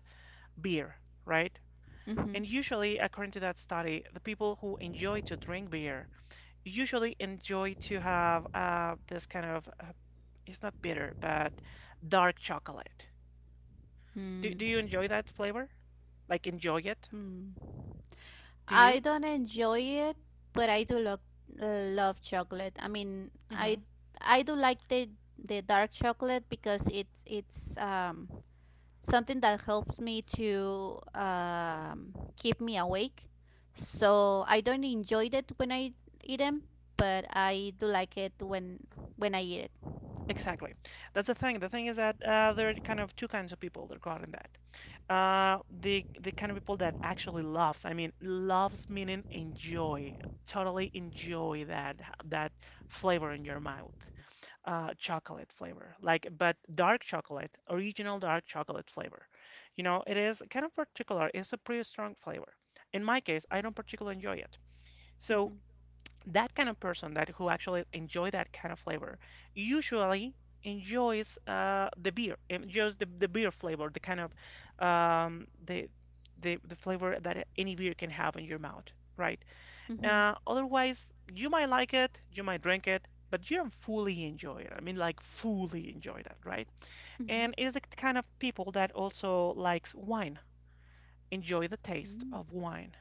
beer, right? Mm-hmm. And usually, according to that study, the people who enjoy to drink beer usually enjoy to have this kind of it's not bitter, but dark chocolate. Do you Mm-hmm. enjoy that flavor? Like enjoy it? Hmm. Do I you? don't enjoy it, but I do love chocolate. I mean, Mm I hmm I do like the dark chocolate because it's something that helps me to keep me awake. So I don't enjoy it when I eat them, but I do like it when I eat it. Exactly. That's the thing. The thing is that there are kind of two kinds of people regarding that. The kind of people that actually loves. I mean, loves meaning enjoy, totally enjoy that flavor in your mouth. Chocolate flavor, like but dark chocolate, original dark chocolate flavor. You know, it is kind of particular. It's a pretty strong flavor. In my case, I don't particularly enjoy it. So Mhm. that kind of person that who actually enjoy that kind of flavor usually enjoys the beer, enjoys the beer flavor, the kind of um, the the flavor that any beer can have in your mouth, right? Mhm. Otherwise, you might like it, you might drink it, but you don't fully enjoy it. I mean, like fully enjoy that, right? And it is the kind of people that also likes wine, enjoy the taste Mhm. of wine.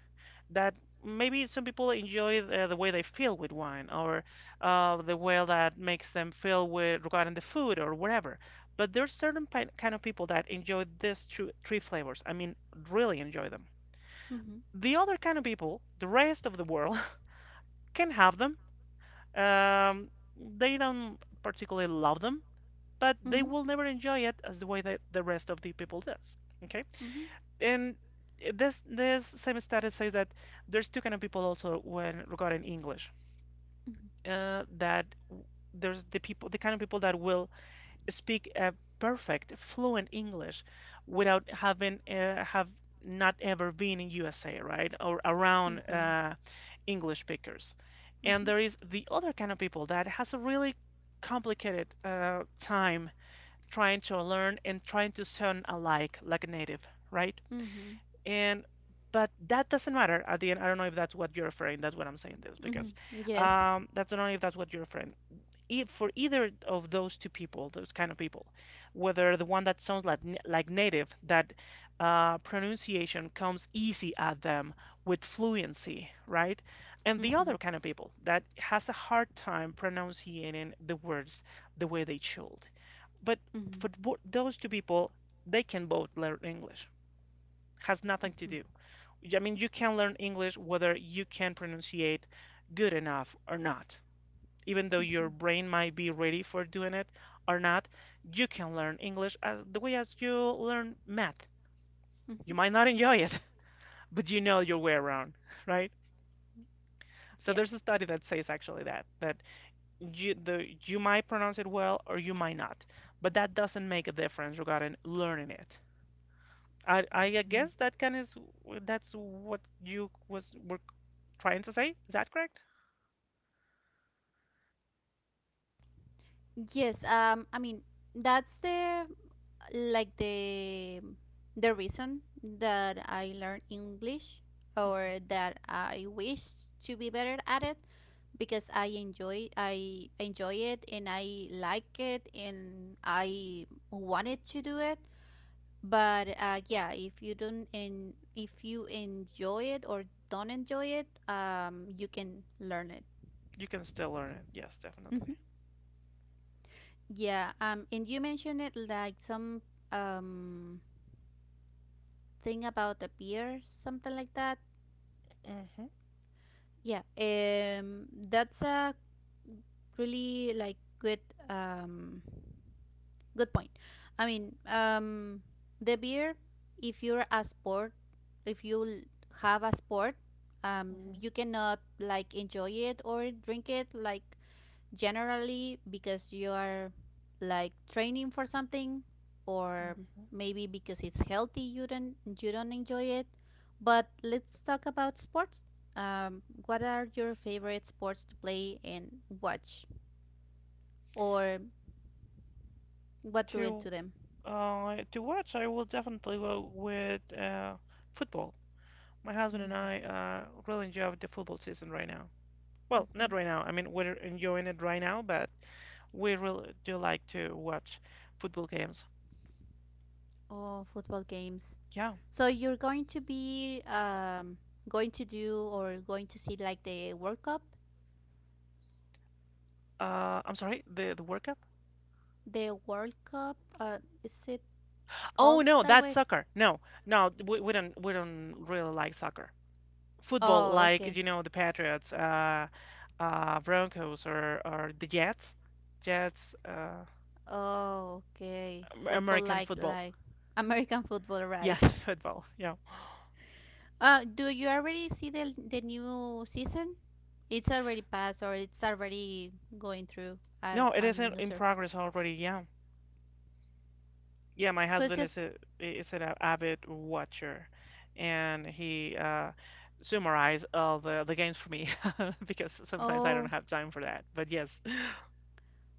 That maybe some people enjoy the way they feel with wine, or the way that makes them feel with regarding the food or whatever. But there's certain kind of people that enjoy these two, three flavors. I mean, really enjoy them. Mm. The other kind of people, the rest of the world, can have them. Um, they don't particularly love them, but they Mhm. will never enjoy it as the way that the rest of the people does. Okay, Mhm. and this same study says that there's two kind of people also when regarding English. Mhm. That there's the people, the kind of people that will speak a perfect, fluent English without having have not ever been in USA, right? Or around Mhm. Mhm. English speakers. And Mhm. there is the other kind of people that has a really complicated time trying to learn and trying to sound alike like a native, right? Mhm. And but that doesn't matter at the end. I don't know if that's what you're referring. That's what I'm saying this Mhm. because Yes. That's I not if that's what you're referring for either of those two people, those kind of people, whether the one that sounds like native, that pronunciation comes easy at them with fluency, right? And the Mm-hmm. other kind of people that has a hard time pronouncing the words the way they should. But Mhm, for those two people, they can both learn English. Has nothing to mhm, do. I mean, you can learn English whether you can pronunciate good enough or not, even though your mhm, brain might be ready for doing it or not. You can learn English as the way as you learn math. mhm. You might not enjoy it, but you know your way around, right? So Yeah. there's a study that says actually that you might pronounce it well or you might not, but that doesn't make a difference regarding learning it. I Mhm. guess that can is that's what you was were trying to say. Is that correct? Yes. I mean, that's the like the reason that I learned English Hmm. or that I wish to be better at it because I enjoy it and I like it and I wanted to do it. But yeah, if you enjoy it or don't enjoy it, you can learn it. You can still learn it. Yes, definitely. Hmm. Yeah, and you mentioned it like some um thing about the beer, something like that. Hmm. Yeah, that's a really like um good point. I mean, the beer, if you're a sport, if you have a sport, Hmm. you cannot like enjoy it or drink it like generally because you are like training for something, or Hmm. maybe because it's healthy you don't enjoy it. But let's talk about sports. What are your favorite sports to play and watch, or what do it To to them? To watch, I will definitely go with football. My husband and I really enjoy the football season right now. Well, not Mm-hmm. right now. I mean, we're enjoying it right now, but we really do like to watch football games. Oh, football games. Yeah. So you're going to be, going to do, or going to see, like, the World Cup? I'm sorry, the World Cup? The World Cup, is it Oh called no, that that's way? soccer. No, no, we don't we don't really like soccer. Football, Oh, like okay. you know, the Patriots, Broncos, or the Jets, Jets, Oh, okay. Football American like football. American football, right? Yes, football. Yeah. Do you already see the new season? It's already passed or it's already going through. I, No, it is I'm in, not in sure. progress already. Yeah. Yeah, my Who's husband just? is an avid watcher, and he summarized all the games for me because sometimes I don't Oh, have time for that. But yes,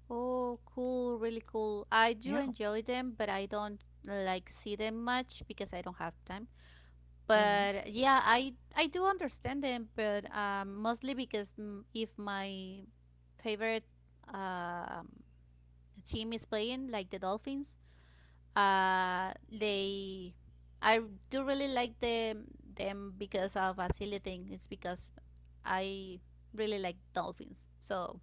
oh, cool, really cool. I do yeah. enjoy them, but I don't like see them much because I don't have time. Hmm. But yeah, I do understand them, but mostly because, if my favorite um, team is playing, like the Dolphins, they I do really like them because of a silly thing. It's because I really like Dolphins, so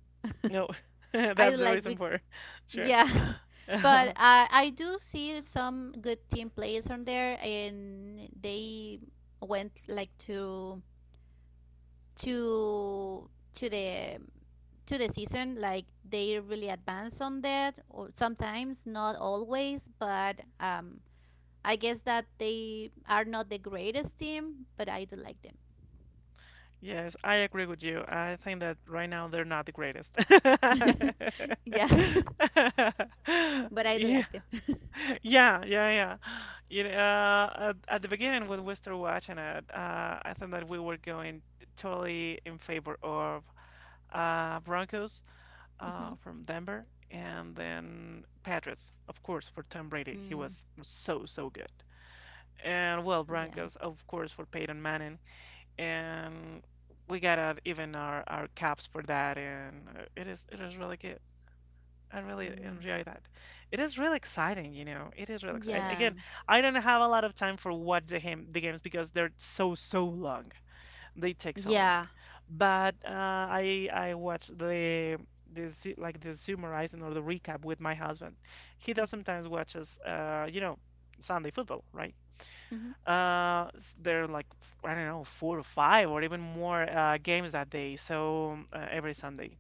No, I that's the like reason be- for sure. yeah, but I do see some good team players on there, and they went like to to the to the season like they really advance on that, or sometimes not always, but I guess that they are not the greatest team, but I do like them. Yes, I agree with you. I think that right now they're not the greatest. Yeah, but I do Yeah. like them. Yeah, yeah, yeah. You know, at the beginning when we started watching it, I thought that we were going totally in favor of Broncos Mm-hmm. From Denver, and then Patriots, of course, for Tom Brady. He Mm. was so, so good. And well, Yeah. Broncos, of course, for Peyton Manning. And we got out even our caps for that, and it is really good. I really Mm. enjoy that. It is really exciting, you know. It is really exciting. Yeah, Again, I don't have a lot of time for what the game the games because they're so so long. They take so long. yeah. But I watch the like the summarizing or the recap with my husband. He does Mm-hmm. sometimes watches you know Sunday football, right? Mm-hmm. There are like I don't know four or five or even more games that day. So every Sunday.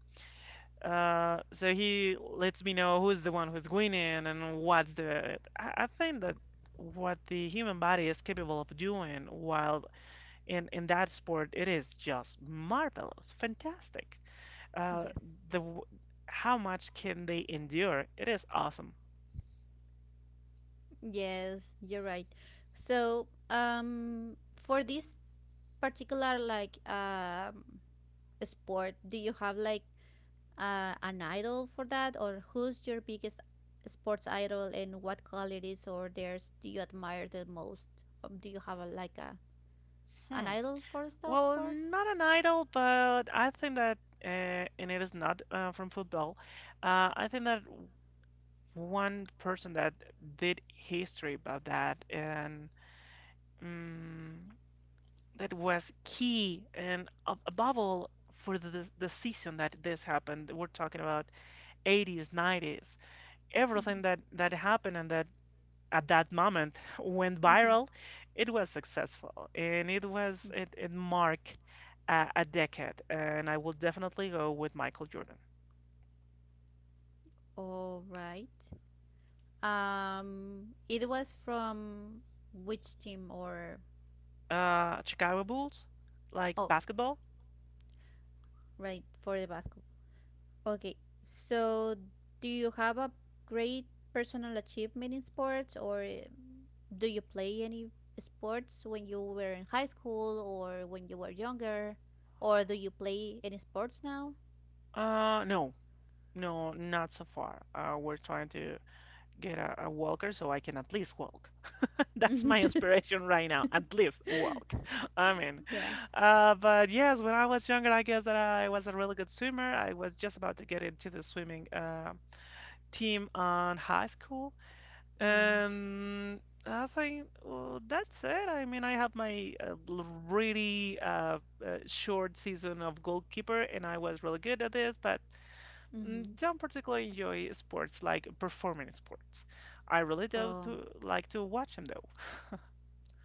So he lets me know who's the one who's winning and what's the. I think that what the human body is capable of doing while in that sport, it is just marvelous, fantastic. Uh, Yes. the w- how much can they endure? It is awesome. Yes, you're right. So, for this particular like sport, do you have like an idol for that, or who's your biggest sports idol, and what qualities or theirs do you admire the most? Do you have a, like a an Hmm. idol for the Well, sport? not an idol, but I think that, and it is not from football. I think that one person that did history about that and, mm, that was key and above all for the season that this happened. We're talking about 80s, 90s. Mm-hmm. Everything that that happened and that at that moment went Mm-hmm. viral, it was successful and it was Mm-hmm. It marked a decade. And I will definitely go with Michael Jordan. All right. It was from which team, or Chicago Bulls, like oh, basketball? right, for the basketball. Okay, so do you have a great personal achievement in sports, or do you play any sports when you were in high school or when you were younger, or do you play any sports now? No, no, not so far. We're trying to get a walker so I can at least walk. That's my aspiration right now. At least walk. I mean, Yeah. But yes, when I was younger, I guess that I was a really good swimmer. I was just about to get into the swimming team on high school, Mm. and I think, well, that's it. I mean, I have my really short season of goalkeeper, and I was really good at this, but mm, Mm-hmm. don't particularly enjoy sports like performing sports. I really do Oh, to like to watch them though.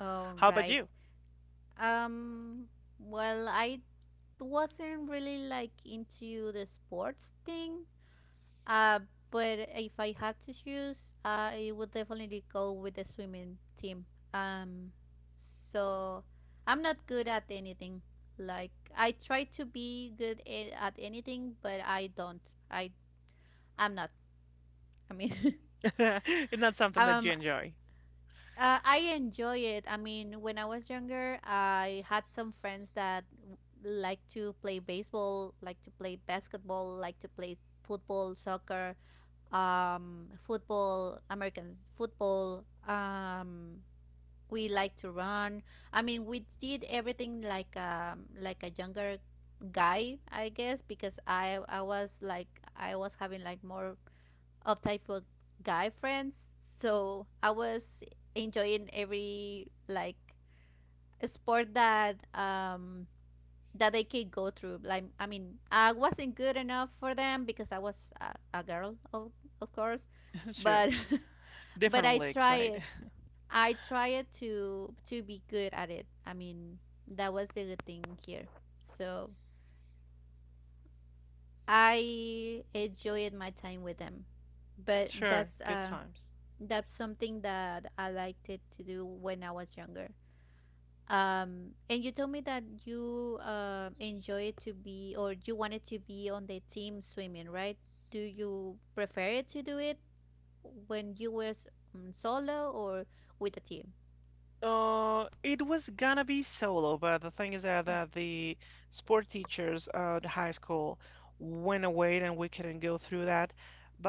oh, How about right. you? Um, well, I wasn't really like into the sports thing. Uh, but if I had to choose, I would definitely go with the swimming team. Um, so I'm not good at anything. Like I try to be good at anything, but I don't. I I'm not. I mean, It's not something that you um, enjoy. I enjoy it. I mean, when I was younger, I had some friends that like to play baseball, like to play basketball, like to play football, soccer, football, American football. We like to run. I mean, we did everything like, like a younger guy, I guess, because I was having like more of type of guy friends, so I was enjoying every like sport that that they could go through. Like, I mean, I wasn't good enough for them because I was a girl, of course, Sure. but but Different I leagues, right? tried. I tried to be good at it. I mean, that was the good thing here. So I enjoyed my time with them, but Sure. that's Good uh times. that's something that I liked it to do when I was younger. And you told me that you enjoy it to be, or you wanted to be on the team swimming, right? Do you prefer it to do it when you were s- mm, solo or with a team? It was gonna be solo, but the thing is that, the sport teachers at high school went away and we couldn't go through that.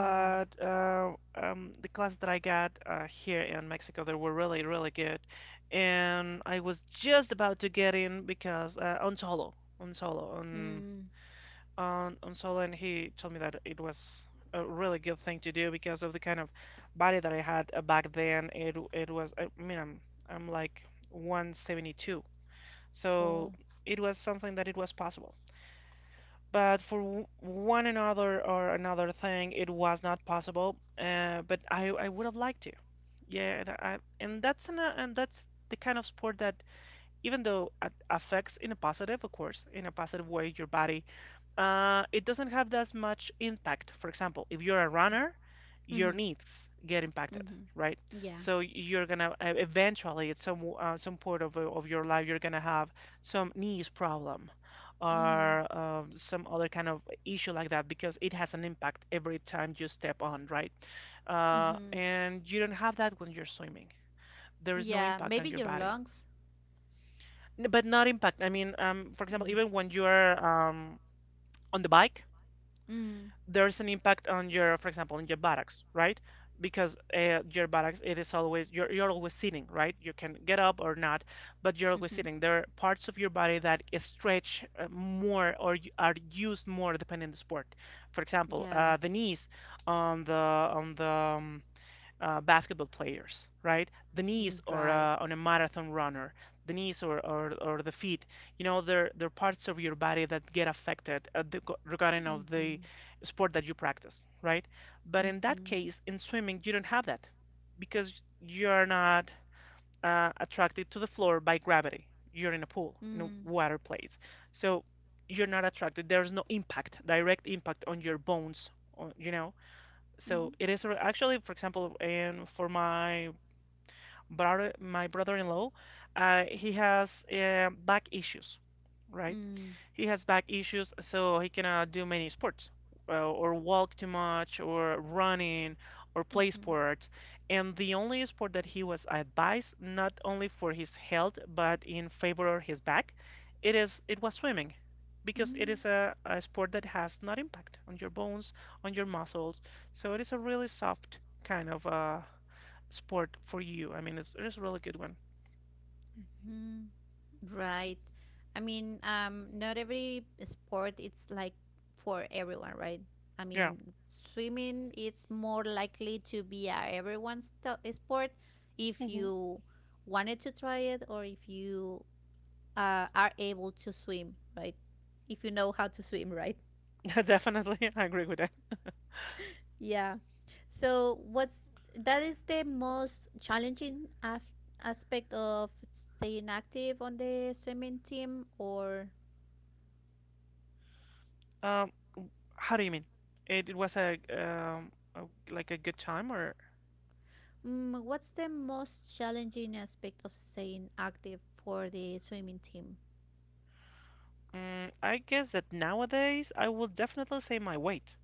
Mm. The class that I got here in Mexico, they were really, really good. And I was just about to get in because on solo, on Mm. On solo, and he told me that it was a really good thing to do because of the kind of body that I had back then. It was I mean I'm like 172, Oh. so it was something that it was possible. But for one another or another thing, it was not possible. But I would have liked to. Yeah, and that's and that's the kind of sport that even though it affects in a positive, of course, in a positive way your body, it doesn't have as much impact. For example, if you're a runner, your Mm-hmm. knees get impacted, Mm-hmm. right? Yeah. So you're gonna eventually at some point of your life you're gonna have some knees problem Mm-hmm. or some other kind of issue like that because it has an impact every time you step on, right? Mm-hmm. And you don't have that when you're swimming. There is no Yeah. impact Maybe on your your body. lungs. But not impact. I mean, for example, Mm-hmm. even when you're on the bike, Mm. there's an impact on your, for example, on your buttocks, right? Because your buttocks, it is always you're always sitting, right? You can get up or not, but you're always Mm-hmm. sitting. There are parts of your body that stretch more or are used more depending on the sport. For example, Yeah. The knees on the basketball players, right? The Mm, knees or right. On a marathon runner, the knees or the feet, you know, they're parts of your body that get affected regarding of the Mm-hmm. sport that you practice, right? But in that Mm-hmm. case, in swimming, you don't have that because you're not attracted to the floor by gravity. You're in a pool, in a Mm-hmm. water place. So you're not attracted. There's no impact, direct impact on your bones, on, you know, so it is actually, for example, and for my brother, my brother-in-law, he has back issues, right? Mm-hmm. He has back issues, so he cannot do many sports, or walk too much, or running, or play sports. And the only sport that he was advised, not only for his health, but in favor of his back, it is it was swimming, because it Mm-hmm. is a sport that has not impact on your bones, on your muscles. So it is a really soft kind of sport for you. I mean, it's a really good one. Mhm. Right. I mean, not every sport it's like for everyone, right? I Yeah, mean, swimming it's more likely to be a everyone's sport, if hmm you wanted to try it or if you are able to swim, right? If you know how to swim, right? definitely, I agree with that. Yeah. So what's that is the most challenging aspect of staying active on the swimming team, or Um, How do you mean? It was a like a good time or mm, what's the most challenging aspect of staying active for the swimming team? mm, I guess that nowadays I will definitely say my weight.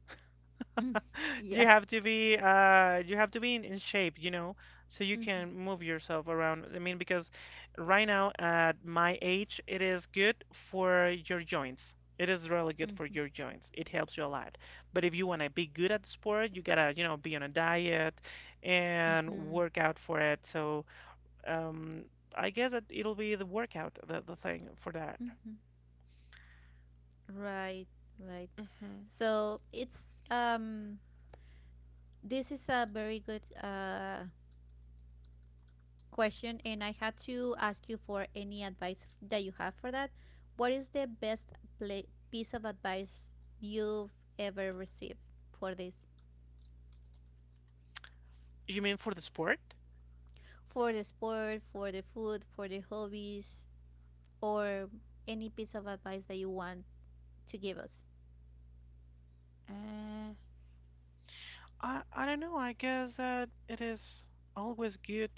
Mm, yeah. You have to be in shape, you know, so you Mm-hmm, can move yourself around. I mean, because right now at my age it is good for your joints. It is really good for mm-hmm, your joints. It helps you a lot. But if you want to be good at the sport, you gotta, you know, be on a diet and mm-hmm, work out for it. So, um, I guess that it'll be the workout, the thing for that. mm-hmm. Right, right. Hmm. So it's this is a very good question, and I had to ask you for any advice that you have for that. What is the best pla piece of advice you've ever received for this? You mean for the sport? For the sport, for the food, for the hobbies? Or any piece of advice that you want to give us? Mm, I don't know. I guess that it is always good.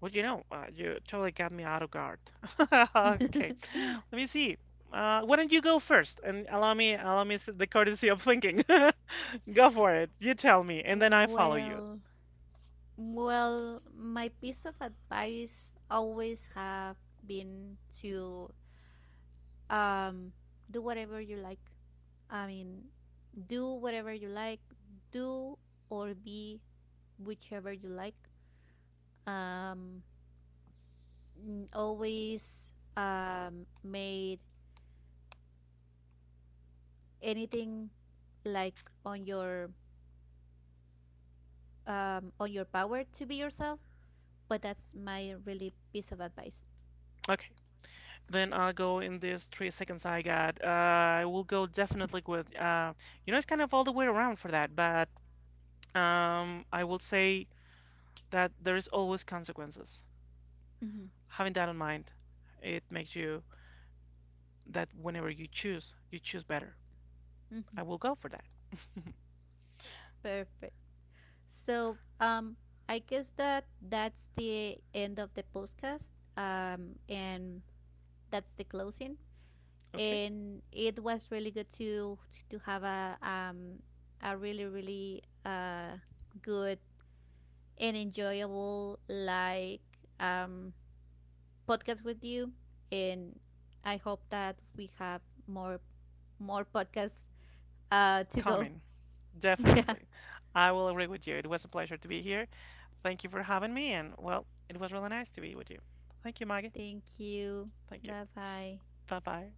Well, you know, you totally got me out of guard. Okay, let me see. Why don't you go first and allow me the courtesy of thinking. Go for it. You tell me, and then I follow you. Well, my piece of advice always have been to, um, do whatever you like. I mean, do whatever you like, do or be whichever you like. Um, Always, made anything like on your, on your power to be yourself. But that's my really piece of advice. Okay. Then I'll go in these 3 seconds I got. I will go definitely with, you know, it's kind of all the way around for that, but I will say that there is always consequences. Mm-hmm. Having that in mind, it makes you that whenever you choose better. Mm-hmm. I will go for that. Perfect. So, I guess that that's the end of the podcast. And that's the closing. Okay? And it was really good to have a really really good and enjoyable like um podcast with you, and I hope that we have more more podcasts to go. Coming. Yeah. Definitely. I will agree with you. It was a pleasure to be here. Thank you for having me, and well, it was really nice to be with you. Thank you, Maggie. Thank you. Thank you. Bye bye. Bye bye.